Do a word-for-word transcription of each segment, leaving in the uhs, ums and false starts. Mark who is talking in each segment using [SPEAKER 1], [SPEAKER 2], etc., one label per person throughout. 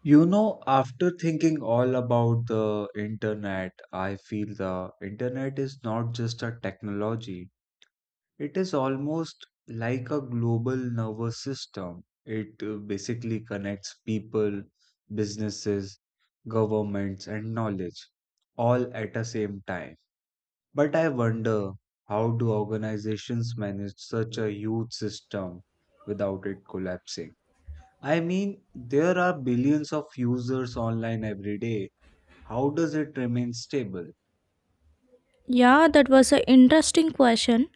[SPEAKER 1] You know, after thinking all about the internet, I feel the internet is not just a technology. It is almost like a global nervous system. It uh, basically connects people, businesses, governments, and knowledge all at the same time. But I wonder, how do organizations manage such a huge system without it collapsing? I mean, there are billions of users online every day. How does it remain stable?
[SPEAKER 2] Yeah, that was an interesting question.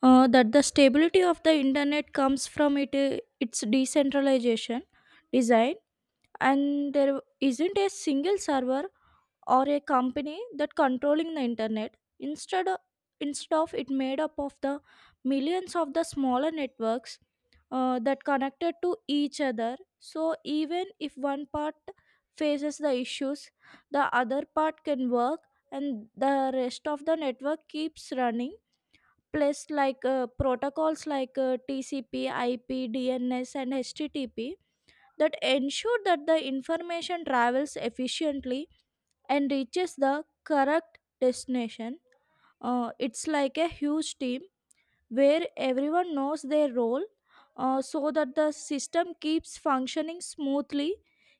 [SPEAKER 2] Uh, that the stability of the internet comes from it uh, its decentralization design, and there isn't a single server or a company that controlling the internet instead of, instead of it made up of the millions of the smaller networks uh, that connected to each other. So even if one part faces the issues, the other part can work, and the rest of the network keeps running, plus like uh, protocols like uh, T C P I P D N S and H T T P that ensure that the information travels efficiently and reaches the correct destination. Uh, it's like a huge team where everyone knows their role, uh, so that the system keeps functioning smoothly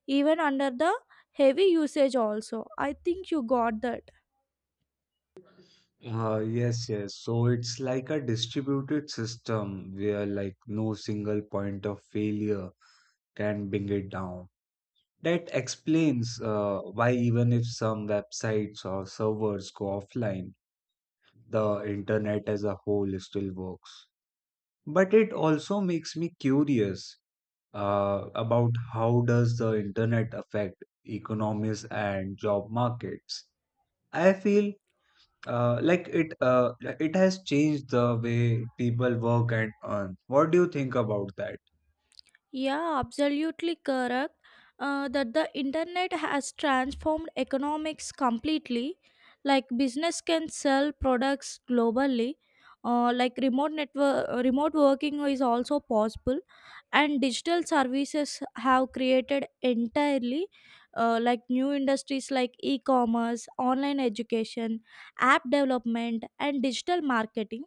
[SPEAKER 2] even under the heavy usage also. I think you got that.
[SPEAKER 1] Uh, yes, yes. So it's like a distributed system where like no single point of failure can bring it down. That explains uh, why even if some websites or servers go offline, the internet as a whole still works. But it also makes me curious uh, about how does the internet affect economies and job markets. I feel uh, like it uh, it has changed the way people work and earn. What do you think about that?
[SPEAKER 2] Yeah, absolutely correct. Uh, that the internet has transformed economics completely. Like business can sell products globally. Uh, like remote network, uh, remote working is also possible, and digital services have created entirely uh, like new industries like e-commerce, online education, app development, and digital marketing.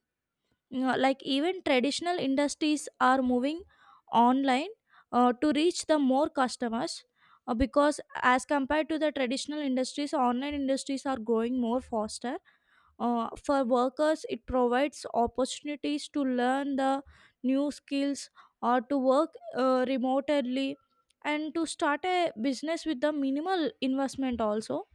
[SPEAKER 2] Yeah, like even traditional industries are moving online uh, to reach the more customers, uh, because as compared to the traditional industries online industries are growing more faster. Uh, for workers, it provides opportunities to learn the new skills or to work uh, remotely and to start a business with the minimal investment also.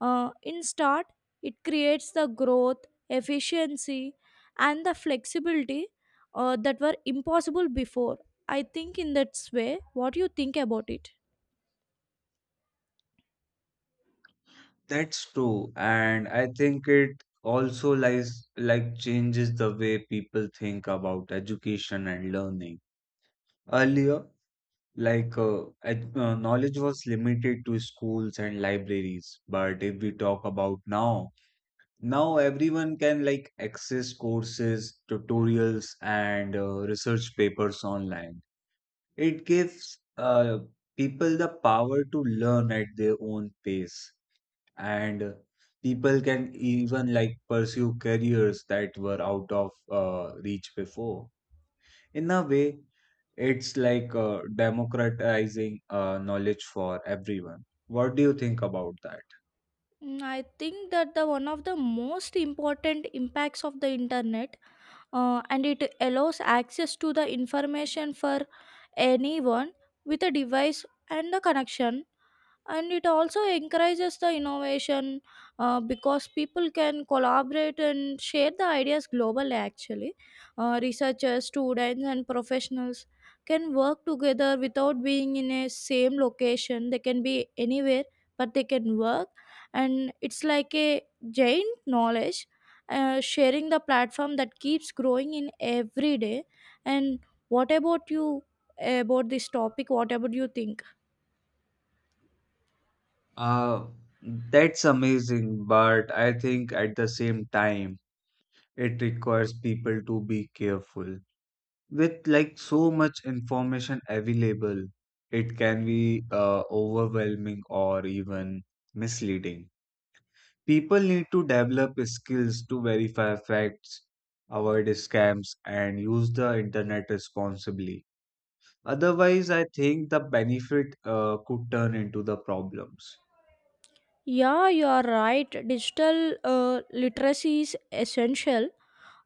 [SPEAKER 2] uh, In start, it creates the growth, efficiency, and the flexibility uh, that were impossible before. I think in that way. What do you think about it?
[SPEAKER 1] That's true, and I think it also lies like changes the way people think about education and learning. Earlier, like uh, ed- uh, knowledge was limited to schools and libraries, but if we talk about now, now everyone can like access courses, tutorials, and uh, research papers online. It gives uh, people the power to learn at their own pace, and uh, people can even like pursue careers that were out of uh, reach before. In a way, it's like uh, democratizing uh, knowledge for everyone. What do you think about that?
[SPEAKER 2] Mm, I think that the one of the most important impacts of the internet, uh, and it allows access to the information for anyone with a device and a connection, and it also encourages the innovation uh, because people can collaborate and share the ideas globally. Actually, uh, researchers, students, and professionals can work together without being in a same location. They can be anywhere, but they can work, and it's like a giant knowledge uh, sharing the platform that keeps growing in every day. And what about you, about this topic, what about you think?
[SPEAKER 1] Uh, that's amazing, but I think at the same time, it requires people to be careful. With like so much information available, it can be uh, overwhelming or even misleading. People need to develop skills to verify facts, avoid scams, and use the internet responsibly. Otherwise, I think the benefit uh, could turn into the problems.
[SPEAKER 2] Yeah, you are right. Digital uh, literacy is essential.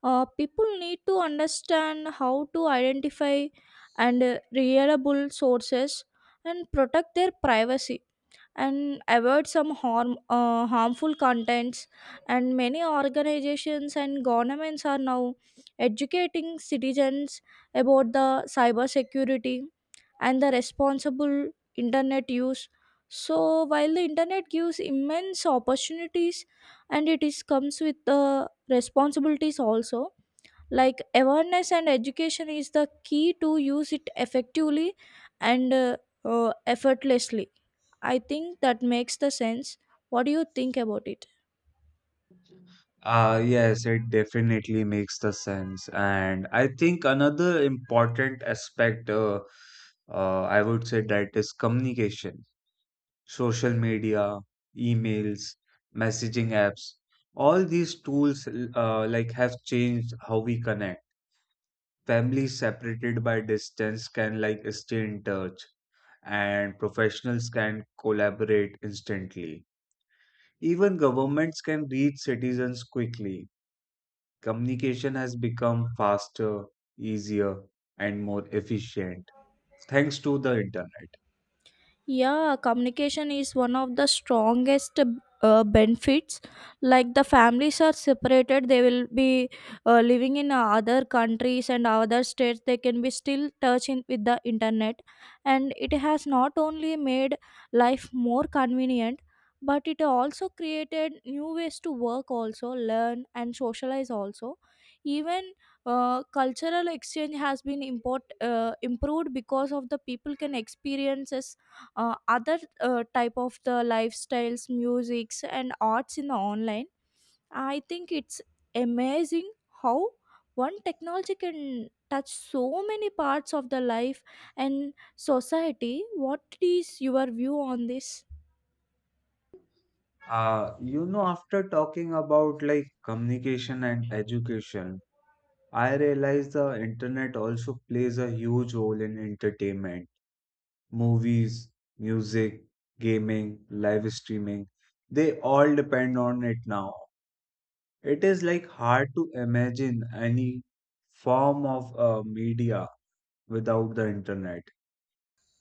[SPEAKER 2] uh, People need to understand how to identify and uh, reliable sources and protect their privacy and avoid some harm uh, harmful contents. And many organizations and governments are now educating citizens about the cyber security and the responsible internet use. So while the internet gives immense opportunities, and it is comes with the responsibilities also, like awareness and education is the key to use it effectively and uh, uh, effortlessly. I think that makes the sense. What do you think about it?
[SPEAKER 1] Uh, yes, it definitely makes the sense. And I think another important aspect, uh, uh, I would say that is communication, social media, emails, messaging apps. All these tools, l- uh, like have changed how we connect. Families separated by distance can like stay in touch, and professionals can collaborate instantly. Even governments can reach citizens quickly. Communication has become faster, easier, and more efficient thanks to the internet.
[SPEAKER 2] Yeah, communication is one of the strongest uh, benefits. Like the families are separated, they will be uh, living in other countries and other states, they can be still touching with the internet. And it has not only made life more convenient, but it also created new ways to work also, learn and socialize also. Even uh, cultural exchange has been import, uh, improved because of the people can experiences uh, other uh, type of the lifestyles, musics and arts in the online. I think it's amazing how one technology can touch so many parts of the life and society. What is your view on this?
[SPEAKER 1] Uh, you know, after talking about like communication and education, I realize the internet also plays a huge role in entertainment. Movies, music, gaming, live streaming, they all depend on it now. It is like hard to imagine any form of uh, media without the internet.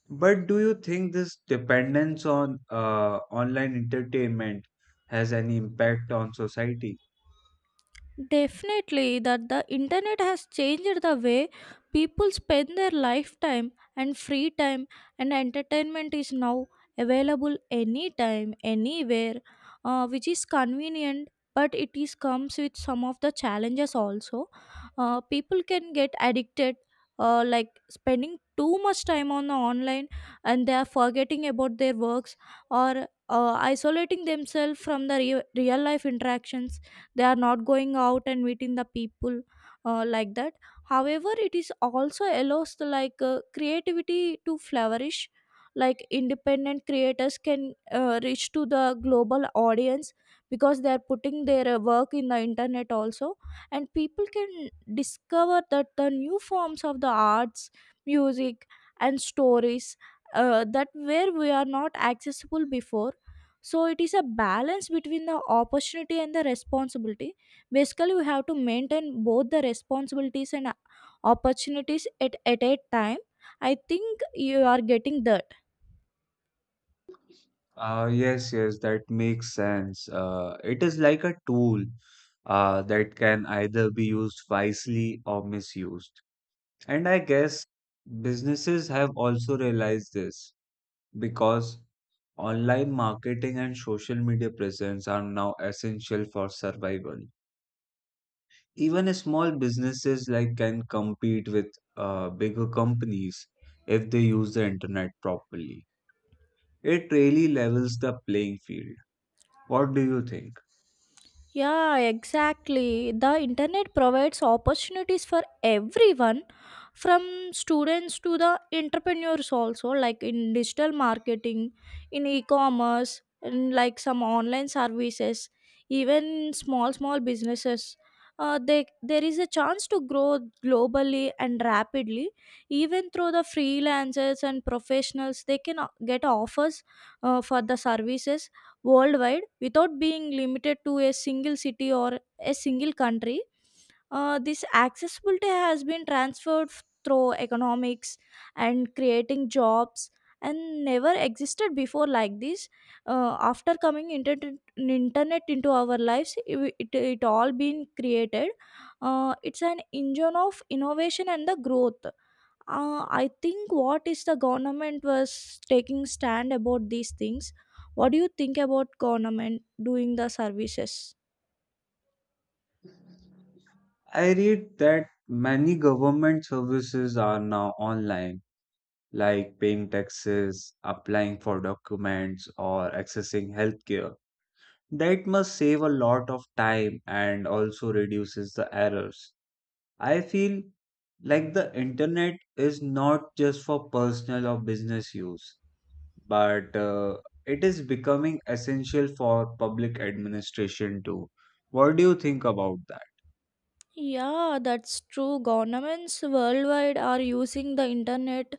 [SPEAKER 1] But do you think this dependence on uh, online entertainment has any impact on society?
[SPEAKER 2] Definitely, that the internet has changed the way people spend their lifetime and free time, and entertainment is now available anytime, anywhere, uh, which is convenient. But it is comes with some of the challenges also. Uh, people can get addicted, uh, like spending too much time on the online, and they are forgetting about their works or uh, isolating themselves from the re- real life interactions. They are not going out and meeting the people, uh, like that. However, it is also allows the like uh, creativity to flourish. Like independent creators can uh, reach to the global audience because they are putting their uh, work in the internet also. And people can discover that the new forms of the arts, music, and stories uh, that where we are not accessible before. So it is a balance between the opportunity and the responsibility. Basically, we have to maintain both the responsibilities and opportunities at, at a time. I think you are getting that.
[SPEAKER 1] Uh, yes, yes, that makes sense. Uh, it is like a tool uh, that can either be used wisely or misused. And I guess businesses have also realized this because online marketing and social media presence are now essential for survival. Even a small businesses like can compete with uh, bigger companies if they use the internet properly. It really levels the playing field. What do you think?
[SPEAKER 2] Yeah, exactly. The internet provides opportunities for everyone from students to the entrepreneurs also, like in digital marketing, in e-commerce, and like some online services, even small small businesses. Uh, they, there is a chance to grow globally and rapidly, even through the freelancers and professionals. They can o- get offers uh, for the services worldwide without being limited to a single city or a single country. Uh, this accessibility has been transferred f- through economics and creating jobs and never existed before like this. Uh, after coming internet, internet into our lives, it, it, it all been created. Uh, it's an engine of innovation and the growth. uh, I think what is the government was taking stand about these things. What do you think about government doing the services?
[SPEAKER 1] I read that many government services are now online, like paying taxes, applying for documents, or accessing healthcare. That must save a lot of time and also reduces the errors. I feel like the internet is not just for personal or business use, but uh, it is becoming essential for public administration too. What do you think about that?
[SPEAKER 2] Yeah, that's true. Governments worldwide are using the internet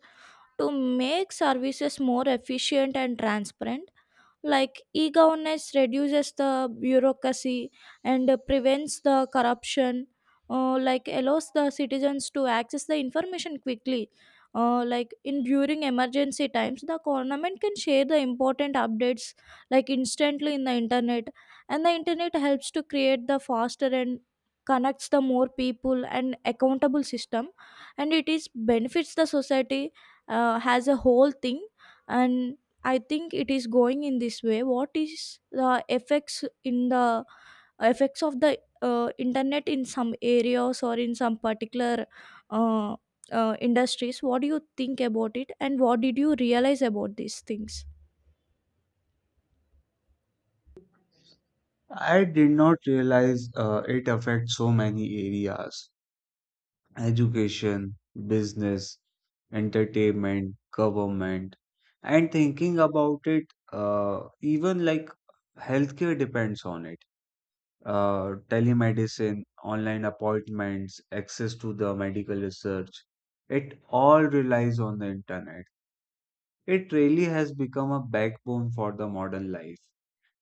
[SPEAKER 2] to make services more efficient and transparent, like e-governance reduces the bureaucracy and uh, prevents the corruption, uh, like allows the citizens to access the information quickly. Uh, like in during emergency times, the government can share the important updates like instantly in the internet. And the internet helps to create the faster and connects the more people and accountable system, and it is benefits the society uh, as a whole thing. And I think it is going in this way. What is the effects in the effects of the uh, internet in some areas or in some particular uh, uh, industries? What do you think about it, and what did you realize about these things?
[SPEAKER 1] I did not realize uh, it affects so many areas: education, business, entertainment, government, and thinking about it, uh, even like healthcare depends on it. Uh, telemedicine, online appointments, access to the medical research. It all relies on the internet. It really has become a backbone for the modern life,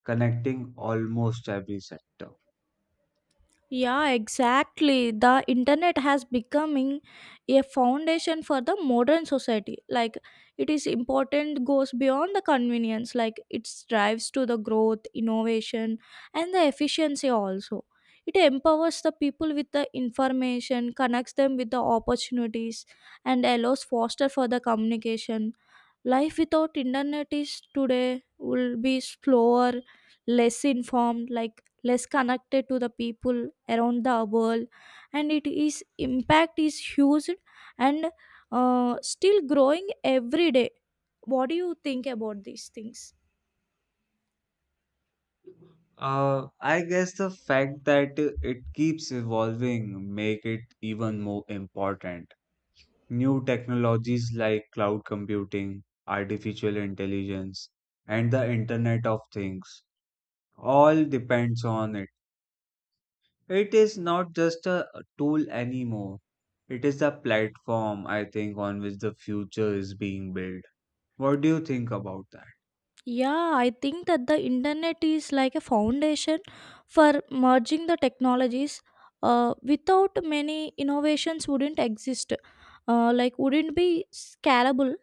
[SPEAKER 1] connecting almost every sector.
[SPEAKER 2] Yeah, exactly. The internet has becoming a foundation for the modern society. Like it is important goes beyond the convenience. Like it strives to the growth, innovation, and the efficiency also. It empowers the people with the information, connects them with the opportunities, and allows foster for the communication. Life without internet is today will be slower, less informed, like less connected to the people around the world. And it is impact is huge and uh, still growing every day. What do you think about these things?
[SPEAKER 1] Uh, I guess the fact that it keeps evolving make it even more important. New technologies like cloud computing, artificial intelligence, and the Internet of Things all depends on it. It is not just a tool anymore. It is the platform, I think, on which the future is being built. What do you think about that?
[SPEAKER 2] Yeah, I think that the internet is like a foundation for merging the technologies. Uh, without many innovations wouldn't exist. Uh, like wouldn't be scalable.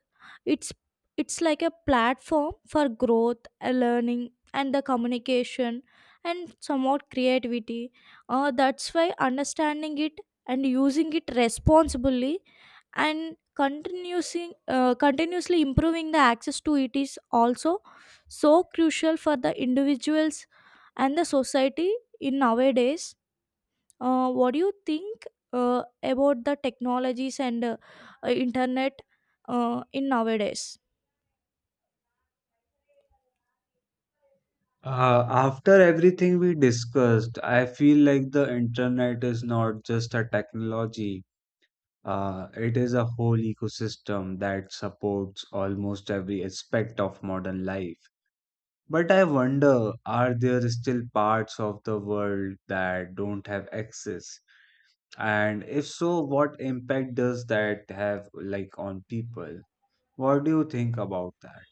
[SPEAKER 2] It's it's like a platform for growth, uh, learning, and the communication, and somewhat creativity. Uh, that's why understanding it and using it responsibly and continuing uh, continuously improving the access to it is also so crucial for the individuals and the society in nowadays. Uh, what do you think uh, about the technologies and uh, uh, internet uh, in nowadays?
[SPEAKER 1] Uh, after everything we discussed, I feel like the internet is not just a technology. Uh, it is a whole ecosystem that supports almost every aspect of modern life. But I wonder, are there still parts of the world that don't have access? And if so, what impact does that have like on people? What do you think about that?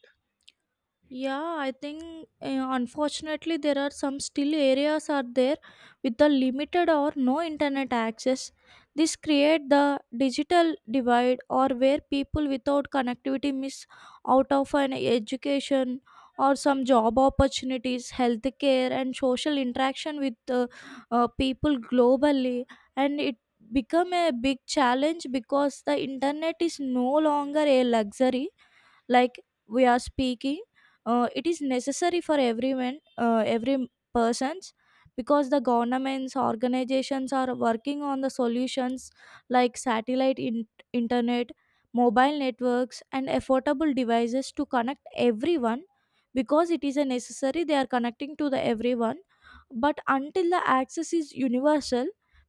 [SPEAKER 2] Yeah, I think uh, unfortunately there are some still areas are there with the limited or no internet access. This create the digital divide, or where people without connectivity miss out of an education or some job opportunities, healthcare and social interaction with uh, uh, people globally. And it become a big challenge because the internet is no longer a luxury, like we are speaking, uh, it is necessary for everyone, uh, every persons. Because the governments organizations are working on the solutions like satellite in- internet, mobile networks and affordable devices to connect everyone, because it is a necessary, they are connecting to the everyone. But until the access is universal,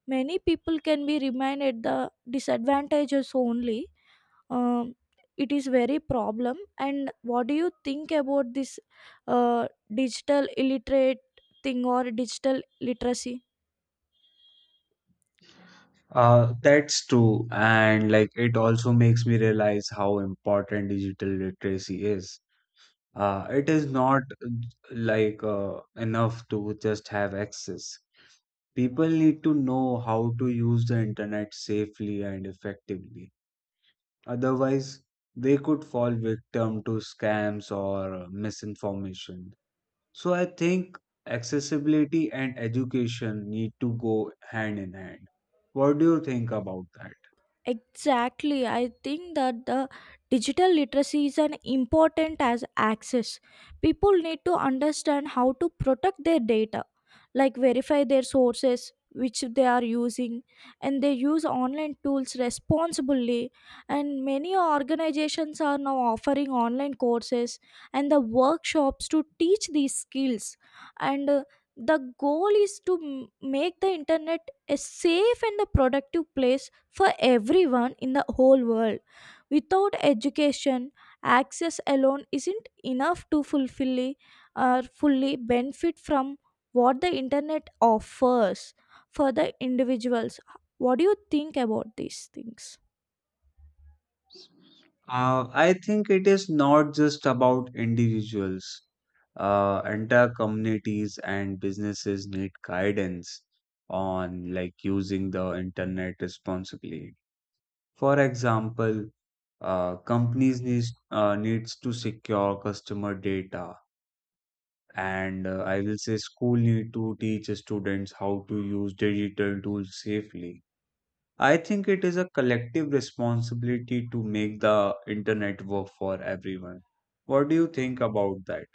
[SPEAKER 2] many people can be remain at the disadvantages only. um, it is very problem. And what do you think about this uh, digital illiterate thing or digital literacy?
[SPEAKER 1] Uh, that's true. And like it also makes me realize how important digital literacy is. Uh, it is not uh, like uh, enough to just have access. People need to know how to use the internet safely and effectively. Otherwise, they could fall victim to scams or uh, misinformation. So I think accessibility and education need to go hand in hand. What do you think about that?
[SPEAKER 2] Exactly, I think that the digital literacy is an important as access. People need to understand how to protect their data, like verify their sources which they are using, and they use online tools responsibly. And many organizations are now offering online courses and the workshops to teach these skills. And uh, the goal is to m- make the internet a safe and a productive place for everyone in the whole world. Without education, access alone isn't enough to fulfill or fully benefit from what the internet offers for the individuals. What do you think about these things?
[SPEAKER 1] Uh, I think it is not just about individuals. Uh, entire communities and businesses need guidance on like using the internet responsibly. For example, uh, companies needs uh, needs to secure customer data. And uh, I will say school need to teach students how to use digital tools safely. I think it is a collective responsibility to make the internet work for everyone. What do you think about that?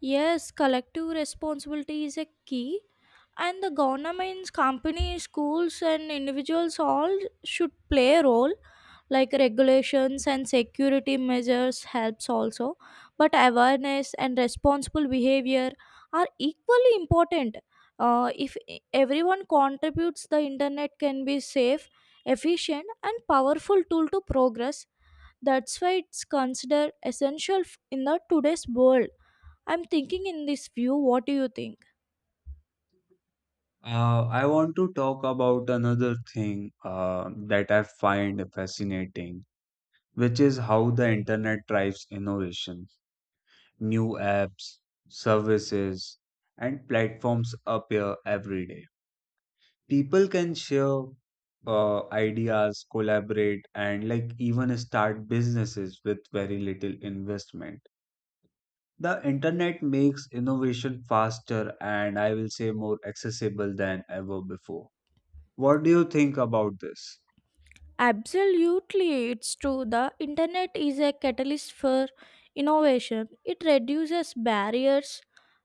[SPEAKER 2] Yes, collective responsibility is a key, and the governments, companies, schools, and individuals all should play a role, like regulations and security measures helps also, but awareness and responsible behavior are equally important. Uh, if e- everyone contributes, the internet can be safe, efficient and powerful tool to progress. That's why it's considered essential f- in the today's world. I'm thinking in this view. What do you think?
[SPEAKER 1] Uh, I want to talk about another thing uh, that I find fascinating, which is how the internet drives innovation. New apps, services, and platforms appear every day. People can share uh, ideas, collaborate, and like even start businesses with very little investment. The internet makes innovation faster and I will say more accessible than ever before. What do you think about this?
[SPEAKER 2] Absolutely, it's true. The internet is a catalyst for innovation. It reduces barriers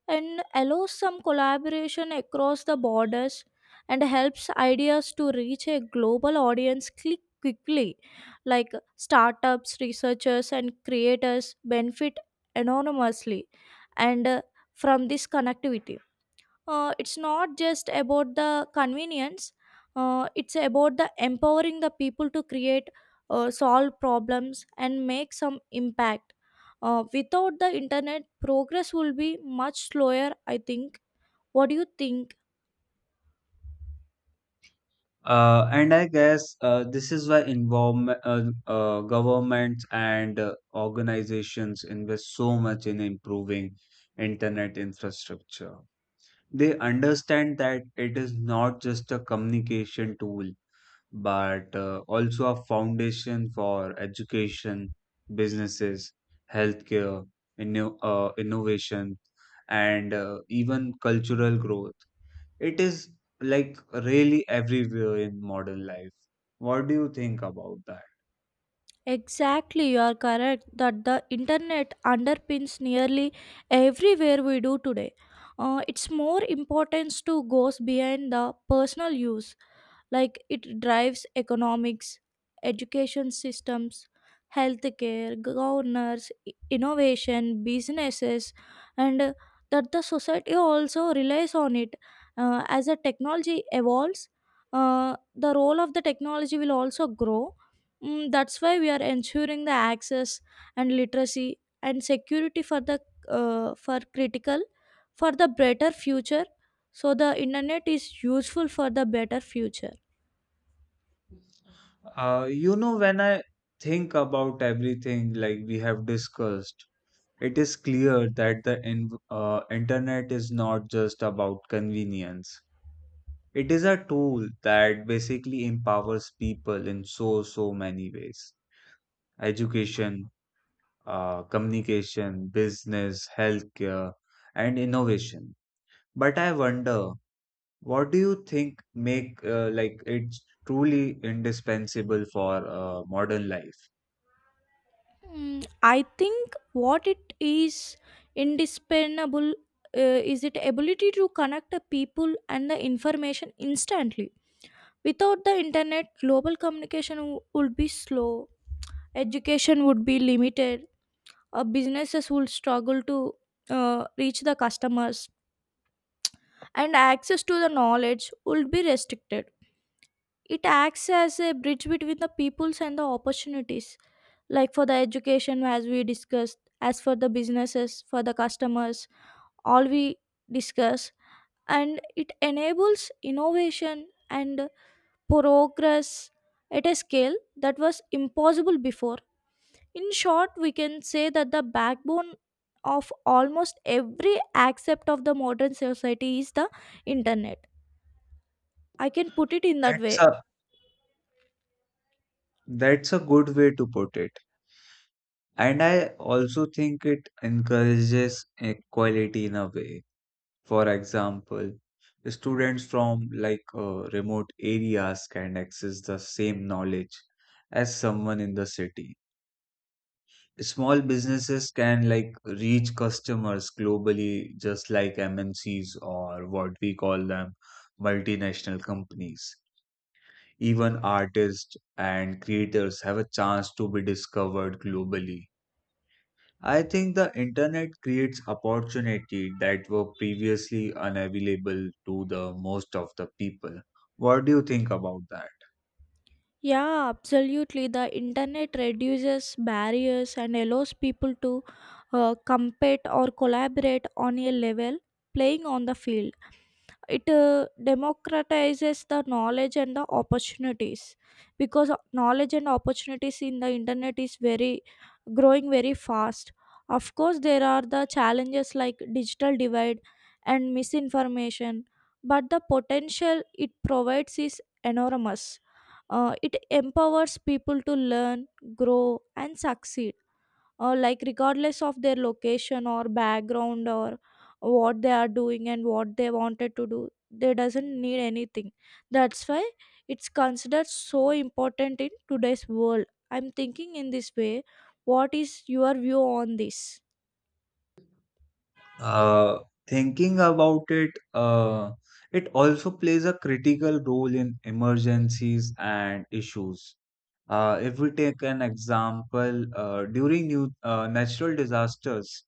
[SPEAKER 2] and allows some collaboration across the borders and helps ideas to reach a global audience click quickly. Like startups, researchers, and creators benefit enormously and uh, from this connectivity. Uh, it's not just about the convenience. Uh, it's about the empowering the people to create, uh, solve problems, and make some impact. Uh, without the internet progress will be much slower, I think. What do you think?
[SPEAKER 1] Uh, and I guess uh, this is why involvement, uh, uh, governments and uh, organizations invest so much in improving internet infrastructure. They understand that it is not just a communication tool, but uh, also a foundation for education, businesses, healthcare, inno- uh, innovation, and uh, even cultural growth. It is like really everywhere in modern life. What do you think about that?
[SPEAKER 2] Exactly, you are correct that the internet underpins nearly everywhere we do today. Uh, it's more importance to goes behind the personal use, like it drives economics, education systems, healthcare, governors, i- innovation, businesses, and uh, that the society also relies on it. Uh, as the technology evolves, uh, the role of the technology will also grow. Mm, that's why we are ensuring the access and literacy and security for the uh, for critical, for the better future. So the internet is useful for the better future.
[SPEAKER 1] Uh, you know, when I think about everything like we have discussed, it is clear that the in, uh, internet is not just about convenience. It is a tool that basically empowers people in so, so many ways. Education, uh, communication, business, healthcare, and innovation. But I wonder, what do you think make uh, like it's truly indispensable for uh, modern life?
[SPEAKER 2] Mm, I think what it is indispensable uh, is it ability to connect the people and the information instantly. Without the internet global communication w- would be slow, education would be limited, uh, businesses would struggle to uh, reach the customers, and access to the knowledge would be restricted. It acts as a bridge between the peoples and the opportunities, like for the education, as we discussed, as for the businesses, for the customers, all we discuss, and it enables innovation and progress at a scale that was impossible before. In short, we can say that the backbone of almost every aspect of the modern society is the internet. I can put it in that
[SPEAKER 1] That's
[SPEAKER 2] way.
[SPEAKER 1] a that's a good way to put it. And I also think it encourages equality in a way. For example, students from like uh, remote areas can access the same knowledge as someone in the city. Small businesses can like reach customers globally, just like M N Cs, or what we call them, multinational companies. Even artists and creators have a chance to be discovered globally. I think the internet creates opportunity that were previously unavailable to the most of the people. What do you think about that?
[SPEAKER 2] Yeah, absolutely. The internet reduces barriers and allows people to uh, compete or collaborate on a level playing on the field. It uh, democratizes the knowledge and the opportunities, because knowledge and opportunities in the internet is very growing very fast. Of course, there are the challenges like digital divide and misinformation, but the potential it provides is enormous. Uh, it empowers people to learn, grow, and succeed, uh, like regardless of their location or background or what they are doing and what they wanted to do, they doesn't need anything. That's why it's considered so important in today's world. I'm thinking in this way. What is your view on this?
[SPEAKER 1] Uh, Thinking about it, uh, it also plays a critical role in emergencies and issues. Uh, if we take an example, uh, during new, uh, natural disasters,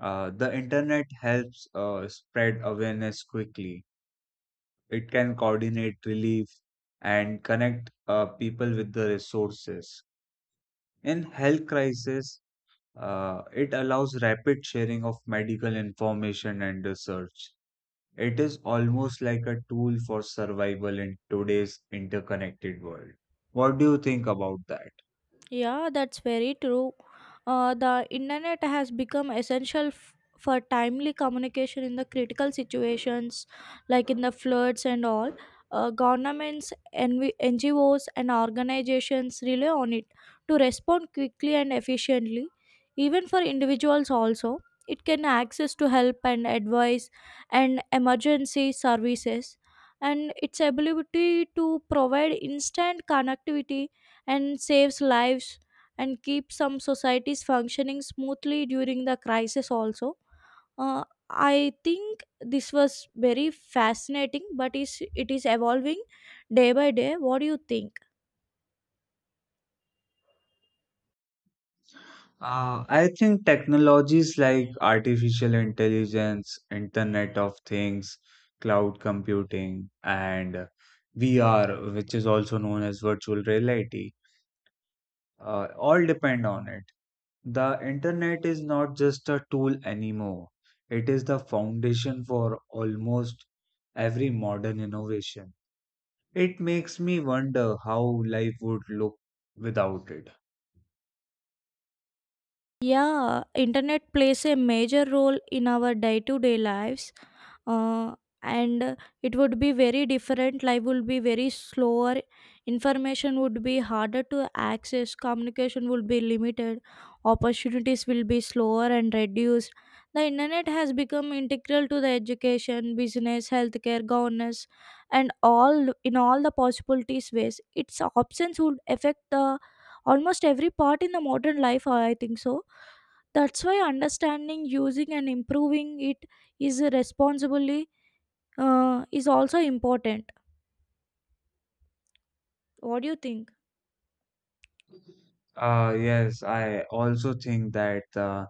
[SPEAKER 1] uh, the internet helps uh, spread awareness quickly. It can coordinate relief and connect uh, people with the resources. In health crisis, uh, it allows rapid sharing of medical information and research. It is almost like a tool for survival in today's interconnected world. What do you think about that?
[SPEAKER 2] Yeah, that's very true. Uh, the internet has become essential f- for timely communication in the critical situations, like in the floods and all. Uh, governments, NV- N G Os, and organizations rely on it to respond quickly and efficiently. Even for individuals, also, it can access to help and advice and emergency services, and its ability to provide instant connectivity and saves lives and keeps some societies functioning smoothly during the crisis also. uh, i think this was very fascinating, but is it is evolving day by day. What do you think?
[SPEAKER 1] Uh, I think technologies like artificial intelligence, Internet of Things, cloud computing, and V R, which is also known as virtual reality, uh, all depend on it. The internet is not just a tool anymore, it is the foundation for almost every modern innovation. It makes me wonder how life would look without it.
[SPEAKER 2] Yeah, internet plays a major role in our day to day lives. uh, and it would be very different, life would be very slower, information would be harder to access, communication would be limited, opportunities will be slower and reduced. The internet has become integral to the education, business, healthcare, governance, and all in all the possibilities, ways, its options would affect the almost every part in the modern life, I think so. That's why understanding, using, and improving it is responsibly, uh, is also important. What do you think?
[SPEAKER 1] Uh, yes, I also think that the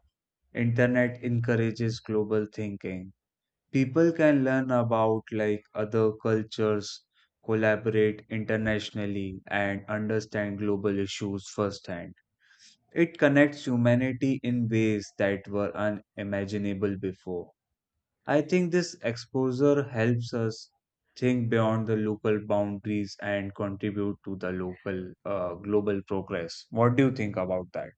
[SPEAKER 1] Internet encourages global thinking. People can learn about like other cultures, collaborate internationally, and understand global issues firsthand. It connects humanity in ways that were unimaginable before. I think this exposure helps us think beyond the local boundaries and contribute to the local uh, global progress. What do you think about that?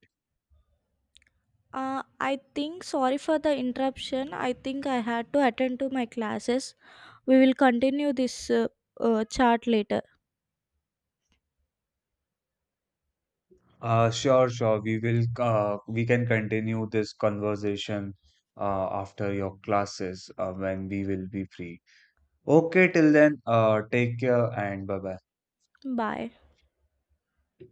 [SPEAKER 2] Uh, I think sorry for the interruption. I think I had to attend to my classes. We will continue this uh, uh, chat later.
[SPEAKER 1] Uh, sure, sure. We will, uh, we can continue this conversation uh, after your classes uh, when we will be free. Okay, till then, uh, take care and bye
[SPEAKER 2] Bye.
[SPEAKER 1] bye.